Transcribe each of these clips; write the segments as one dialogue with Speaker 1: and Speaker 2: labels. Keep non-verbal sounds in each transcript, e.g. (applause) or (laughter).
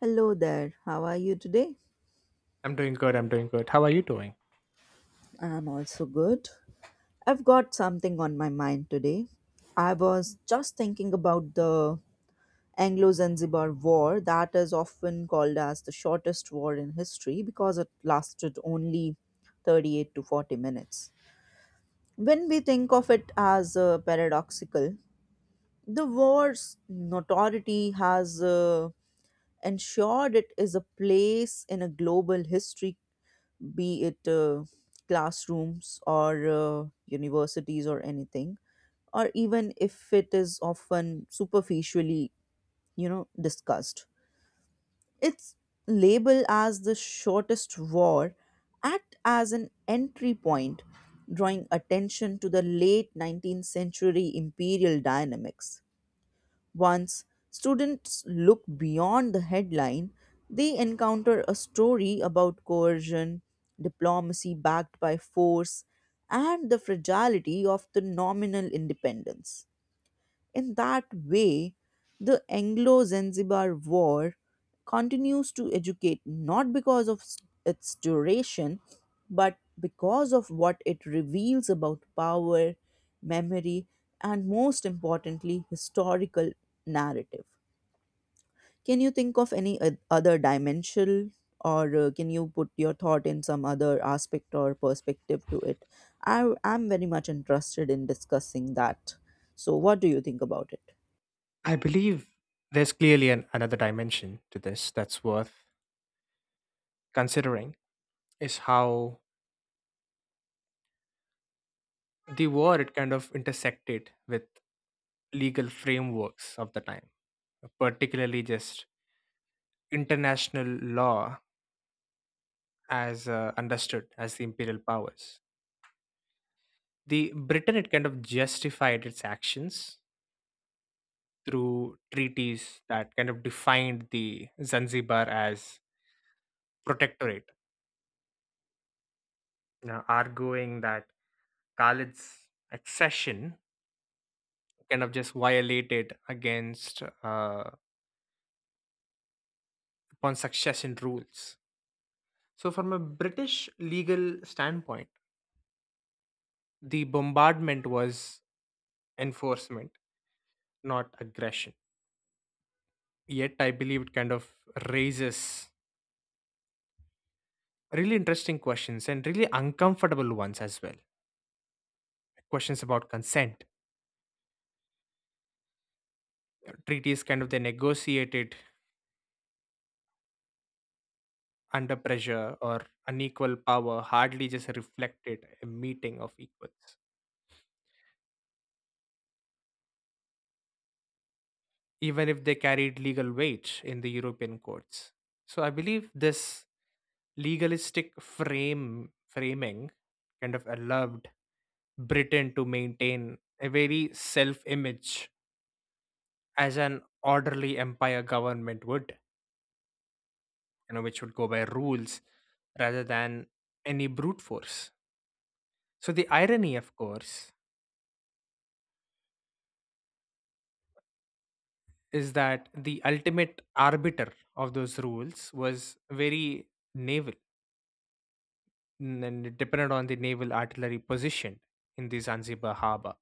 Speaker 1: Hello there, how are you today?
Speaker 2: I'm doing good. I'm doing good. How are you doing?
Speaker 1: I'm also good. I've got something on my mind today. I was just thinking about the Anglo Zanzibar War, that is often called as the shortest war in history because it lasted only 38 to 40 minutes. When we think of it as paradoxical, the war's notoriety has ensured it is a place in a global history be it classrooms or universities or anything or even if it is often superficially discussed it's labeled as the shortest war act as an entry point drawing attention to the late 19th century imperial dynamics once students look beyond the headline, they encounter a story about coercion, diplomacy backed by force, and the fragility of the nominal independence. In that way, the Anglo Zanzibar War continues to educate not because of its duration, but because of what it reveals about power, memory, and most importantly, historical narrative. Can you think of any other dimension, or can you put your thought in some other aspect or perspective to it? I am very much interested in discussing that. So, what do you think about it?
Speaker 2: I believe there's clearly another dimension to this that's worth considering is how the war it kind of intersected with legal frameworks of the time, particularly just international law as understood as the imperial powers. The britain it kind of justified its actions through treaties that kind of defined the Zanzibar as protectorate, now arguing that Khalid's accession kind of just violated against upon succession rules. So from a British legal standpoint, the bombardment was enforcement, not aggression. Yet I believe it kind of raises really interesting questions, and really uncomfortable ones as well, questions about consent. Treaties kind of they negotiated under pressure or unequal power hardly just reflected a meeting of equals, even if they carried legal weight in the European courts. So I believe this legalistic frame framing kind of allowed Britain to maintain a very self-image as an orderly empire government would, you know, which would go by rules rather than any brute force. So the irony, of course, is that the ultimate arbiter of those rules was very naval, and dependent on the naval artillery positioned in the Zanzibar harbor.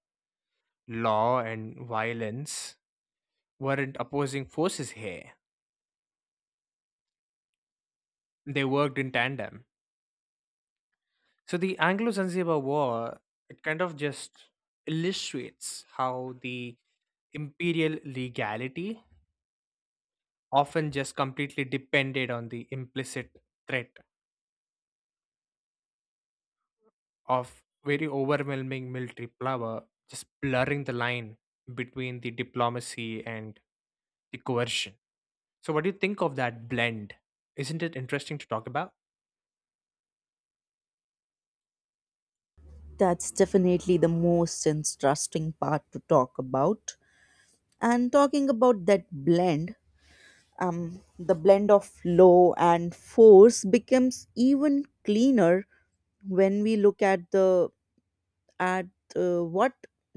Speaker 2: Law and violence weren't opposing forces here. They worked in tandem. So the Anglo-Zanzibar War, it kind of just illustrates how the imperial legality often just completely depended on the implicit threat of very overwhelming military power, just blurring the line between the diplomacy and the coercion. So, what do you think of that blend? Isn't it interesting to talk about?
Speaker 1: That's definitely the most interesting part to talk about. And talking about that blend, the blend of law and force becomes even cleaner when we look at the at what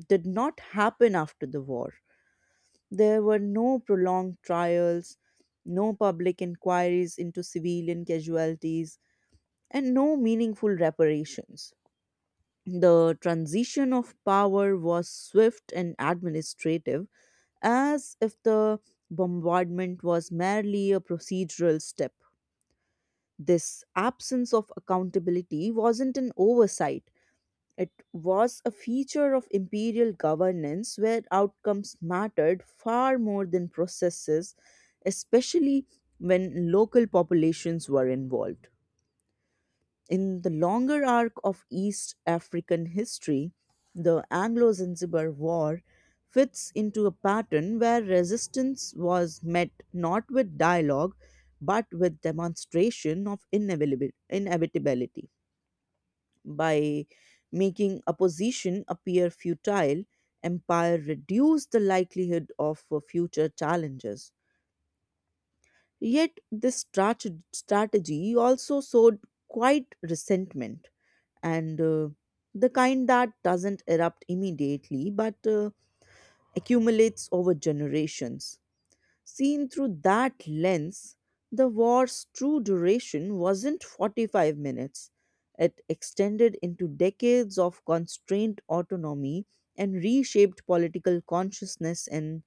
Speaker 1: did not happen after the war. There were no prolonged trials, no public inquiries into civilian casualties, and no meaningful reparations. The transition of power was swift and administrative, as if the bombardment was merely a procedural step. This absence of accountability wasn't an oversight, it was a feature of imperial governance where outcomes mattered far more than processes, especially when local populations were involved. In the longer arc of East African history, the Anglo Zanzibar War fits into a pattern where resistance was met not with dialogue but with demonstration of inevitability. By making opposition appear futile, empire reduced the likelihood of future challenges. Yet, this strategy also sowed quite resentment and the kind that doesn't erupt immediately but accumulates over generations. Seen through that lens, the war's true duration wasn't 45 minutes. It extended into decades of constrained autonomy and reshaped political consciousness in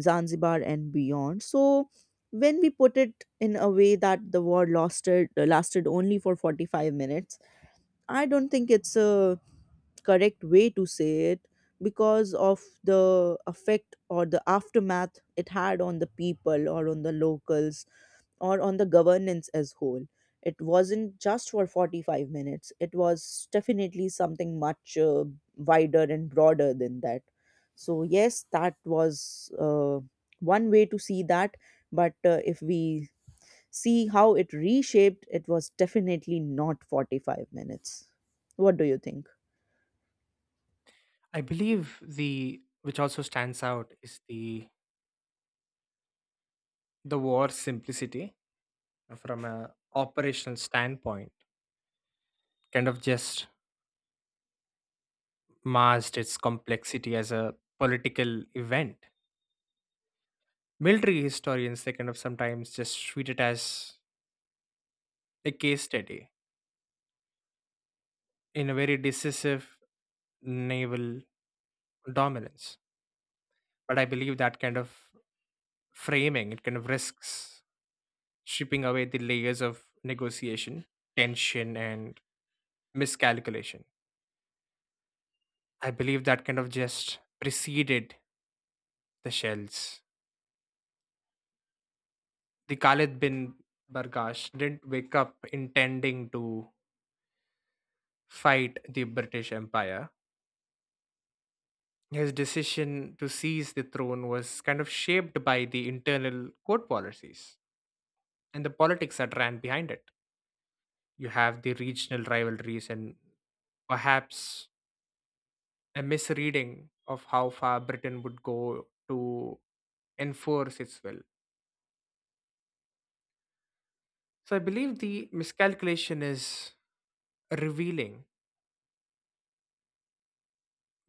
Speaker 1: Zanzibar and beyond. So, when we put it in a way that the war lasted only for 45 minutes, I don't think it's a correct way to say it because of the effect or the aftermath it had on the people or on the locals or on the governance as whole. It wasn't just for 45 minutes, it was definitely something much wider and broader than that. So yes, that was one way to see that, but if we see how it reshaped, it was definitely not 45 minutes. What do you think?
Speaker 2: I believe the which also stands out is the war simplicity from a operational standpoint, kind of just masked its complexity as a political event. Military historians they kind of sometimes just treat it as a case study in a very decisive naval dominance. But I believe that kind of framing it kind of risks stripping away the layers of negotiation, tension, and miscalculation. I believe that kind of just preceded the shells. The Khalid bin Bargash didn't wake up intending to fight the British Empire. His decision to seize the throne was kind of shaped by the internal court policies and the politics that ran behind it. You have the regional rivalries and perhaps a misreading of how far Britain would go to enforce its will. So I believe the miscalculation is revealing,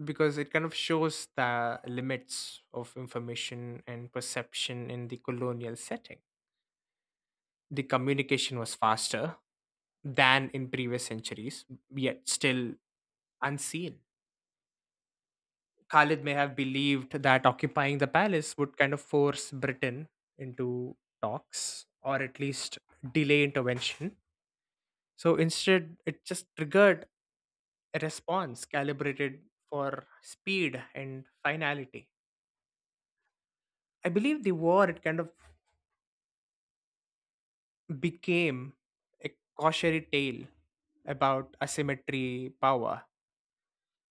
Speaker 2: because it kind of shows the limits of information and perception in the colonial setting. The communication was faster than in previous centuries, yet still unseen. Khalid may have believed that occupying the palace would kind of force Britain into talks, or at least delay intervention. So instead, it just triggered a response calibrated for speed and finality. I believe the war it kind of became a cautionary tale about asymmetry power,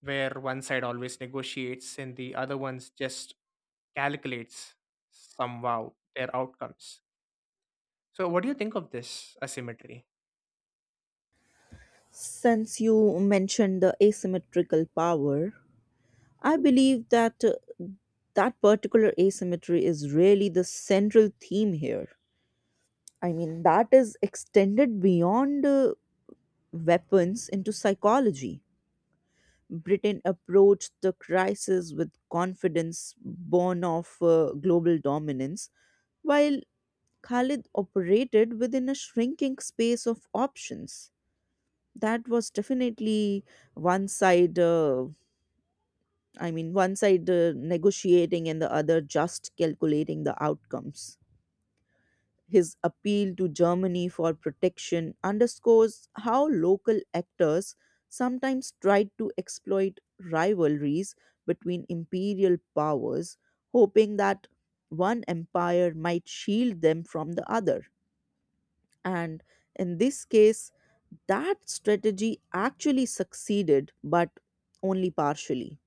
Speaker 2: where one side always negotiates and the other one's just calculates somehow their outcomes. So, what do you think of this asymmetry?
Speaker 1: Since you mentioned the asymmetrical power, I believe that that particular asymmetry is really the central theme here. I mean, that is extended beyond weapons into psychology. Britain approached the crisis with confidence born of global dominance, while Khalid operated within a shrinking space of options. That was definitely one side I mean, one side negotiating and the other just calculating the outcomes. His appeal to Germany for protection underscores how local actors sometimes tried to exploit rivalries between imperial powers, hoping that one empire might shield them from the other. And in this case, that strategy actually succeeded, but only partially.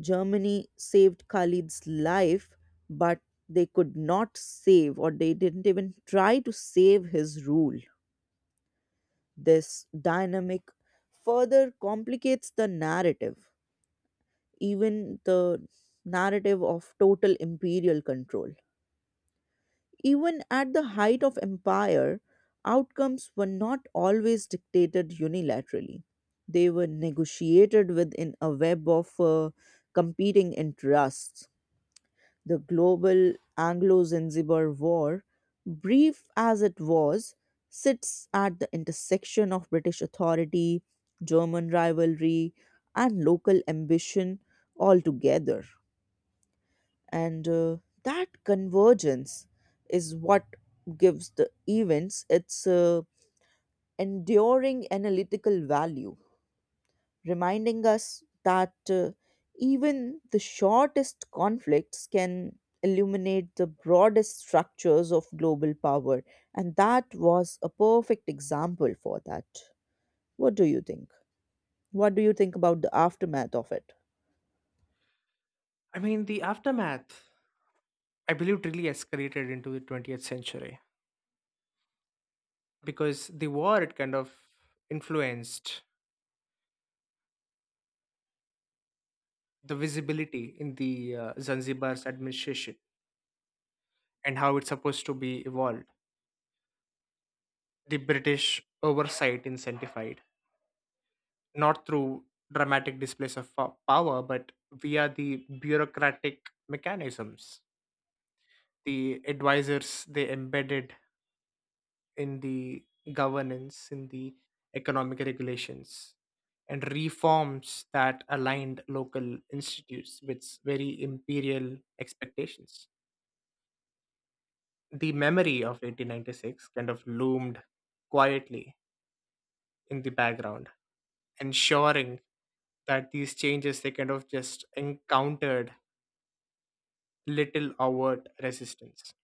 Speaker 1: Germany saved Khalid's life, but they could not save, or they didn't even try to save his rule. This dynamic further complicates the narrative, even the narrative of total imperial control. Even at the height of empire, outcomes were not always dictated unilaterally. They were negotiated within a web of competing interests. The global Anglo Zanzibar War, brief as it was, sits at the intersection of British authority, German rivalry, and local ambition altogether. And that convergence is what gives the events its enduring analytical value, reminding us that even the shortest conflicts can illuminate the broadest structures of global power. And that was a perfect example for that. What do you think? What do you think about the aftermath of it?
Speaker 2: I mean, the aftermath, I believe, really escalated into the 20th century, because the war, it kind of influenced the visibility in the Zanzibar's administration and how it's supposed to be evolved. The British oversight incentivized, not through dramatic displays of power, but via the bureaucratic mechanisms. The advisors they embedded in the governance, in the economic regulations, and reforms that aligned local institutes with very imperial expectations. The memory of 1896 kind of loomed quietly in the background, ensuring that these changes they kind of just encountered little overt resistance.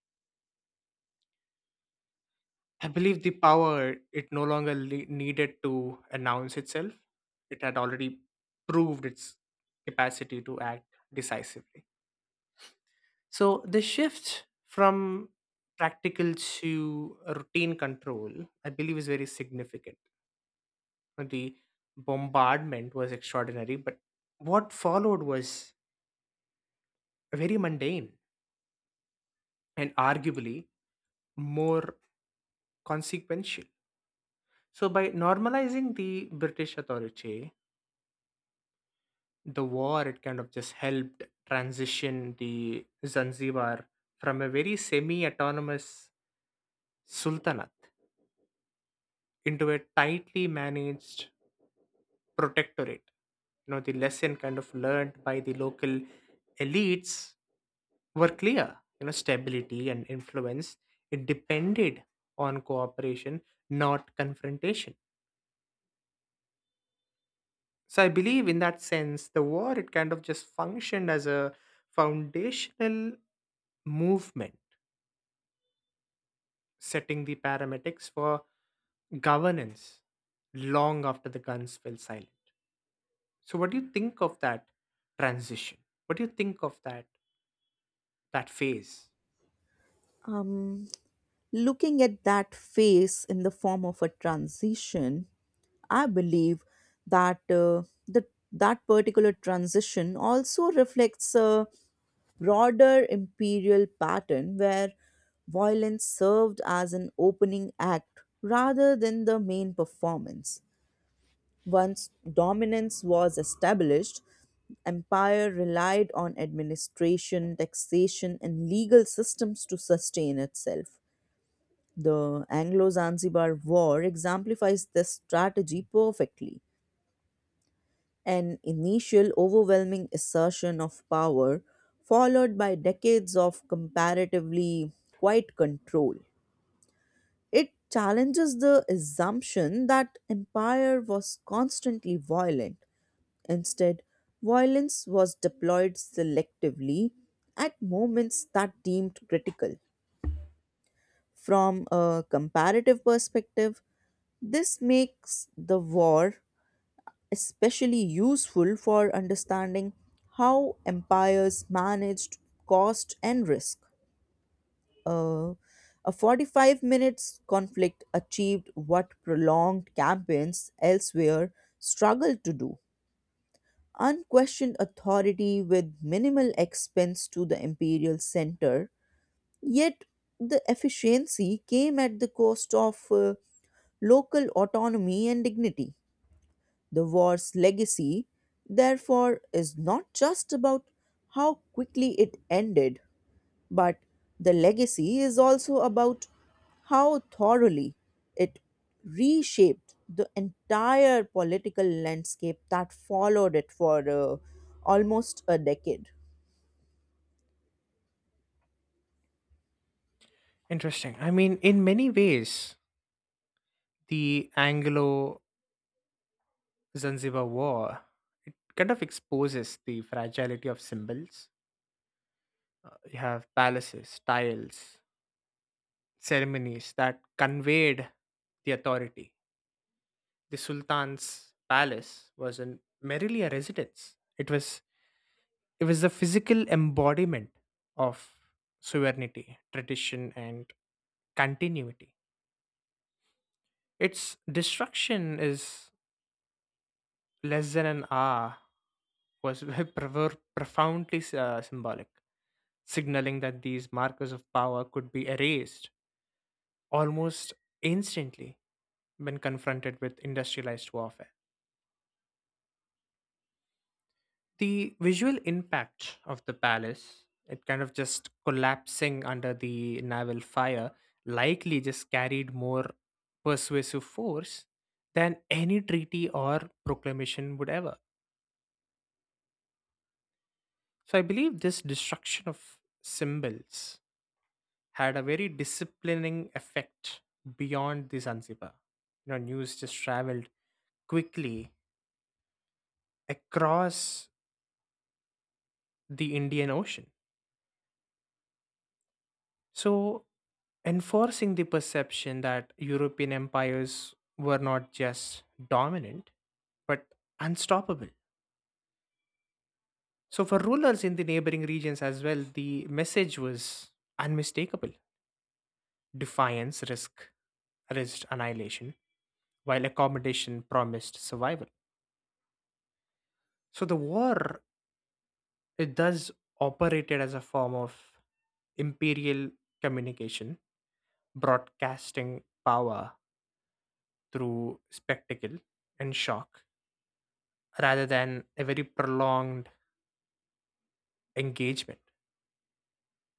Speaker 2: I believe the power it no longer needed to announce itself. It had already proved its capacity to act decisively. So the shift from practical to routine control, I believe, is very significant. The bombardment was extraordinary, but what followed was very mundane and arguably more consequential. So, by normalizing the British authority, the war it kind of just helped transition the Zanzibar from a very semi autonomous sultanate into a tightly managed protectorate. You know, the lesson kind of learned by the local elites were clear. You know, stability and influence, it depended on cooperation, not confrontation. So I believe in that sense the war it kind of just functioned as a foundational movement, setting the paramedics for governance long after the guns fell silent. So, what do you think of that transition? What do you think of that phase?
Speaker 1: Um, Looking at that phase in the form of a transition, I believe that the that particular transition also reflects a broader imperial pattern where violence served as an opening act rather than the main performance. Once dominance was established, empire relied on administration, taxation, and legal systems to sustain itself. The Anglo Zanzibar War exemplifies this strategy perfectly. An initial overwhelming assertion of power, followed by decades of comparatively quiet control. It challenges the assumption that empire was constantly violent. Instead, violence was deployed selectively at moments that deemed critical. From a comparative perspective, this makes the war especially useful for understanding how empires managed cost and risk. Uh, a 45 minutes conflict achieved what prolonged campaigns elsewhere struggled to do. Unquestioned authority with minimal expense to the imperial center, yet the efficiency came at the cost of local autonomy and dignity. The war's legacy, therefore, is not just about how quickly it ended, but the legacy is also about how thoroughly it reshaped the entire political landscape that followed it for almost a decade.
Speaker 2: Interesting. I mean, in many ways, the Anglo-Zanzibar War it kind of exposes the fragility of symbols. You have palaces, tiles, ceremonies that conveyed the authority. The Sultan's palace was merely a residence. It was the physical embodiment of sovereignty, tradition, and continuity. Its destruction is less than an hour was (laughs) profoundly symbolic, signaling that these markers of power could be erased almost instantly when confronted with industrialized warfare. The visual impact of the palace it kind of just collapsing under the naval fire likely just carried more persuasive force than any treaty or proclamation would ever. So I believe this destruction of symbols had a very disciplining effect beyond the Zanzibar. You know, news just traveled quickly across the Indian Ocean. So, enforcing the perception that European empires were not just dominant, but unstoppable. So, for rulers in the neighboring regions as well, the message was unmistakable. Defiance, risked annihilation, while accommodation promised survival. So, the war, it does operated as a form of imperial communication, broadcasting power through spectacle and shock rather than a very prolonged engagement.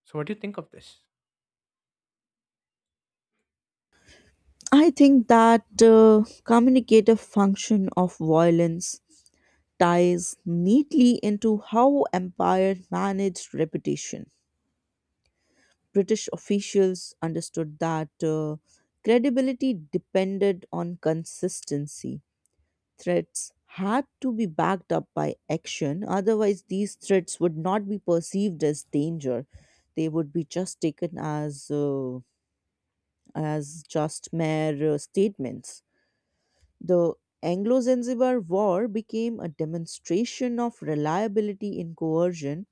Speaker 2: So, what do you think of this?
Speaker 1: I think that communicative function of violence ties neatly into how empires manage reputation. British officials understood that credibility depended on consistency. Threats had to be backed up by action, otherwise, these threats would not be perceived as danger. They would be just taken as just mere statements. The Anglo Zanzibar War became a demonstration of reliability in coercion,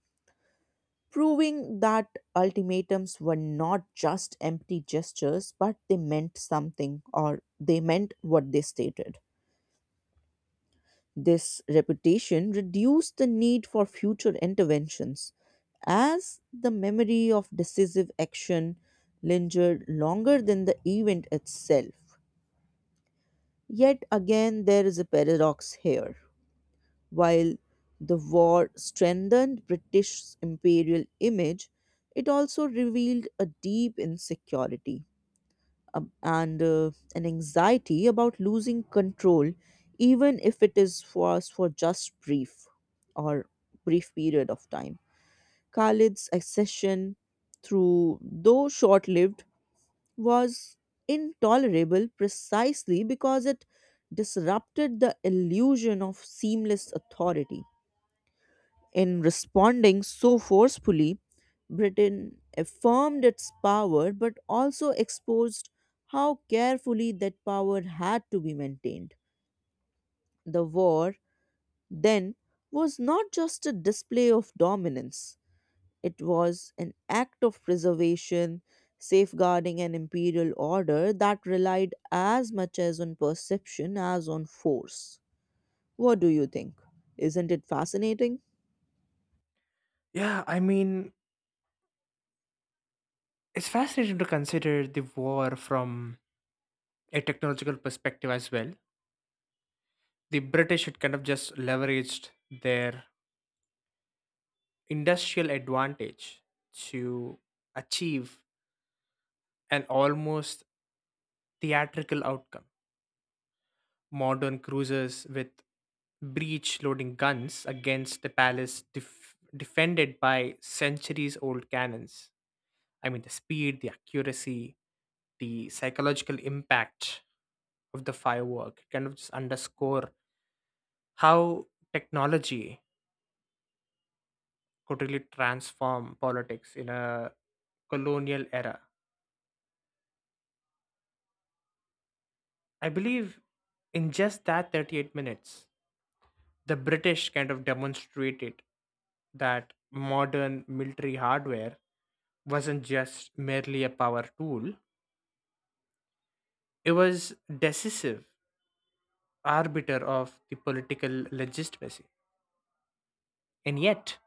Speaker 1: proving that ultimatums were not just empty gestures, but they meant something or they meant what they stated. This reputation reduced the need for future interventions as the memory of decisive action lingered longer than the event itself. Yet again, there is a paradox here. While the war strengthened British imperial image, it also revealed a deep insecurity and an anxiety about losing control, even if it is was for just or brief period of time. Khalid's accession, through though short-lived, was intolerable precisely because it disrupted the illusion of seamless authority. In responding so forcefully, Britain affirmed its power but also exposed how carefully that power had to be maintained. The war then was not just a display of dominance, it was an act of preservation, safeguarding an imperial order that relied as much as on perception as on force. What do you think? Isn't it fascinating?
Speaker 2: Yeah, I mean, it's fascinating to consider the war from a technological perspective as well. The British had kind of just leveraged their industrial advantage to achieve an almost theatrical outcome. Modern cruisers with breech loading guns against the palace defended by centuries old cannons. I mean, the speed, the accuracy, the psychological impact of the firework kind of just underscore how technology could really transform politics in a colonial era. I believe in just that 38 minutes, the British kind of demonstrated that modern military hardware wasn't just merely a power tool, it was decisive arbiter of the political legitimacy. And yet,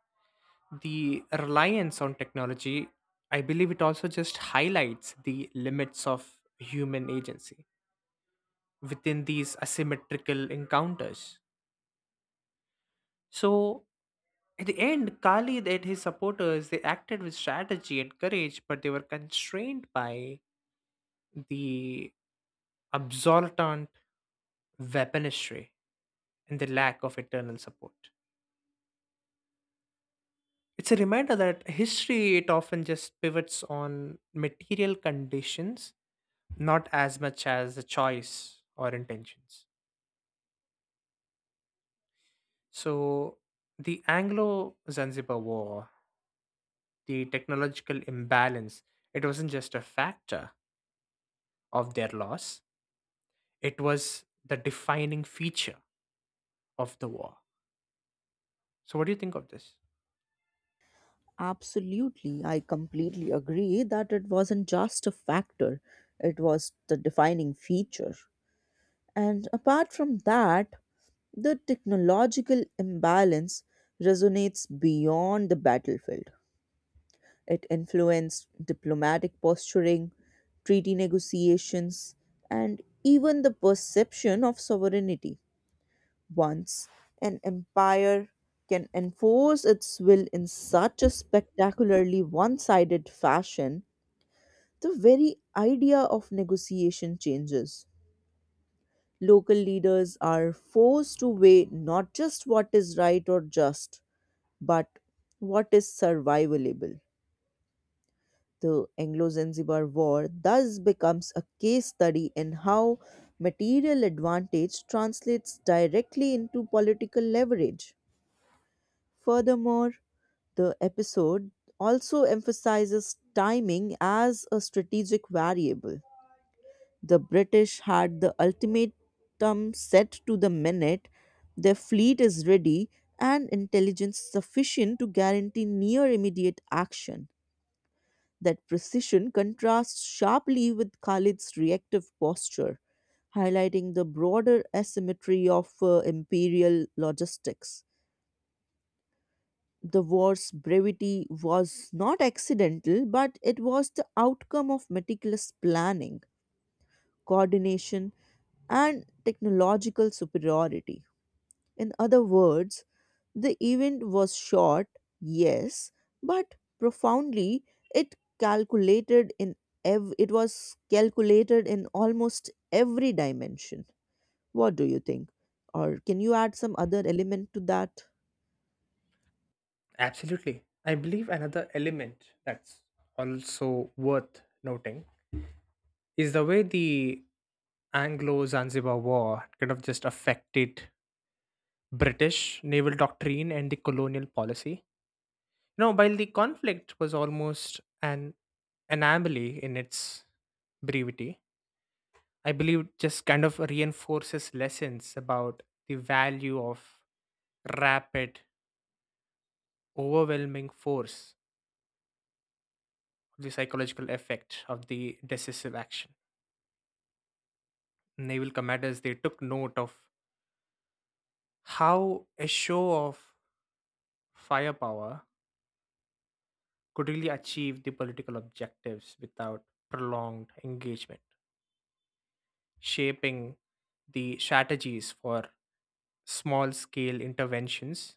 Speaker 2: the reliance on technology, I believe it also just highlights the limits of human agency within these asymmetrical encounters. So, at the end, Khalid and his supporters they acted with strategy and courage, but they were constrained by the absolutant weaponry and the lack of internal support. It's a reminder that history it often just pivots on material conditions, not as much as the choice or intentions. So, the Anglo Zanzibar War, the technological imbalance, it wasn't just a factor of their loss, it was the defining feature of the war. So, what do you think of this?
Speaker 1: Absolutely. I completely agree that it wasn't just a factor, it was the defining feature. And apart from that, the technological imbalance resonates beyond the battlefield. It influenced diplomatic posturing, treaty negotiations, and even the perception of sovereignty. Once an empire can enforce its will in such a spectacularly one sided fashion, the very idea of negotiation changes. Local leaders are forced to weigh not just what is right or just, but what is survivable. The Anglo Zanzibar War thus becomes a case study in how material advantage translates directly into political leverage. Furthermore, the episode also emphasizes timing as a strategic variable. The British had the ultimatum set to the minute, their fleet is ready, and intelligence sufficient to guarantee near immediate action. That precision contrasts sharply with Khalid's reactive posture, highlighting the broader asymmetry of imperial logistics. The war's brevity was not accidental, but it was the outcome of meticulous planning, coordination, and technological superiority. In other words, the event was short, yes, but profoundly it calculated in it was calculated in almost every dimension. What do you think? Or can you add some other element to that?
Speaker 2: Absolutely. I believe another element that's also worth noting is the way the Anglo Zanzibar War kind of just affected British naval doctrine and the colonial policy. No, while the conflict was almost an anomaly in its brevity, I believe it just kind of reinforces lessons about the value of rapid, overwhelming force, the psychological effect of the decisive action. Naval commanders they took note of how a show of firepower could really achieve the political objectives without prolonged engagement, shaping the strategies for small scale interventions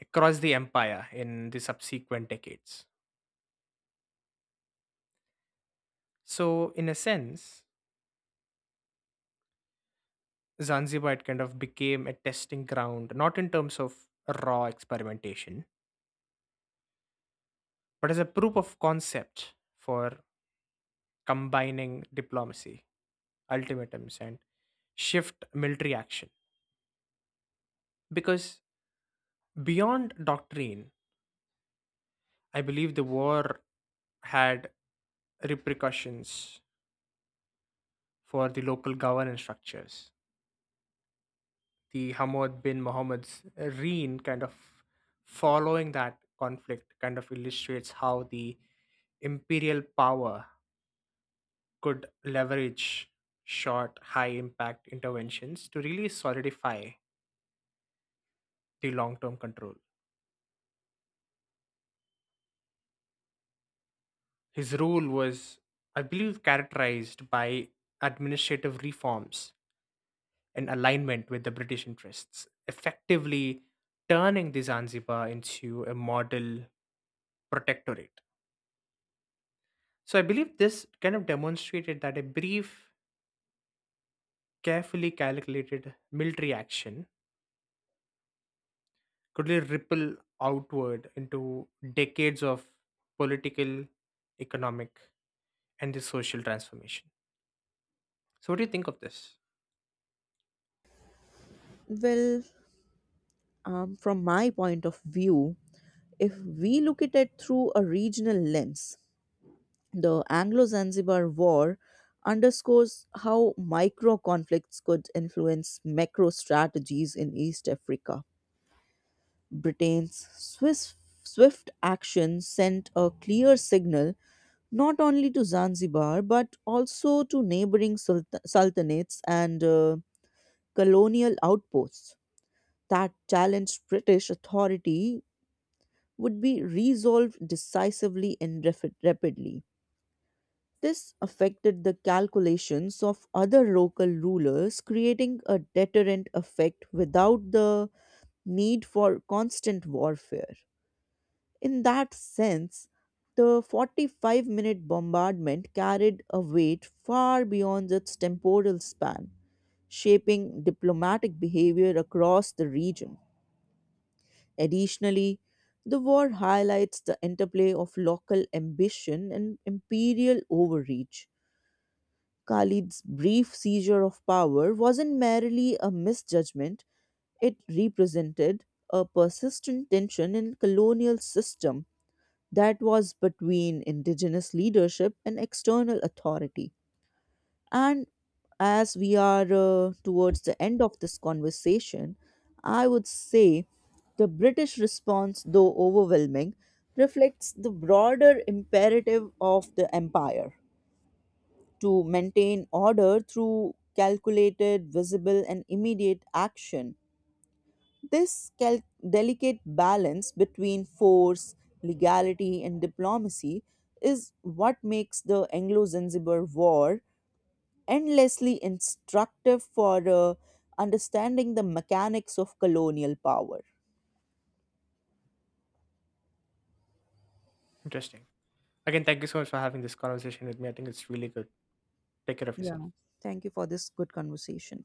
Speaker 2: across the empire in the subsequent decades. So, in a sense, Zanzibar it kind of became a testing ground, not in terms of raw experimentation, but as a proof of concept for combining diplomacy, ultimatums, and shift military action. Because beyond doctrine, I believe the war had repercussions for the local governance structures. The Hamad bin Mohammed's reign kind of following that conflict kind of illustrates how the imperial power could leverage short, high impact interventions to really solidify the long term control. His rule was, I believe, characterized by administrative reforms in alignment with the British interests, effectively turning the Zanzibar into a model protectorate. So I believe this kind of demonstrated that a brief, carefully calculated military action could really ripple outward into decades of political, economic, and the social transformation. So what do you think of this?
Speaker 1: Well, from my point of view, if we look at it through a regional lens, the Anglo Zanzibar War underscores how micro conflicts could influence macro strategies in East Africa. Britain's swift action sent a clear signal not only to Zanzibar but also to neighboring sultanates and colonial outposts that challenged British authority would be resolved decisively and rapidly. This affected the calculations of other local rulers, creating a deterrent effect without the need for constant warfare. In that sense, the 45-minute bombardment carried a weight far beyond its temporal span, shaping diplomatic behavior across the region. Additionally, the war highlights the interplay of local ambition and imperial overreach. Khalid's brief seizure of power wasn't merely a misjudgment, it represented a persistent tension in colonial system that was between indigenous leadership and external authority. And as we are towards the end of this conversation, I would say the British response, though overwhelming, reflects the broader imperative of the empire to maintain order through calculated, visible, and immediate action. this cal- Delicate balance between force, legality, and diplomacy is what makes the Anglo Zanzibar War endlessly instructive for understanding the mechanics of colonial power.
Speaker 2: Interesting. Again, thank you so much for having this conversation with me. I think it's really good. Take care of yourself.
Speaker 1: Yeah, thank you for this good conversation.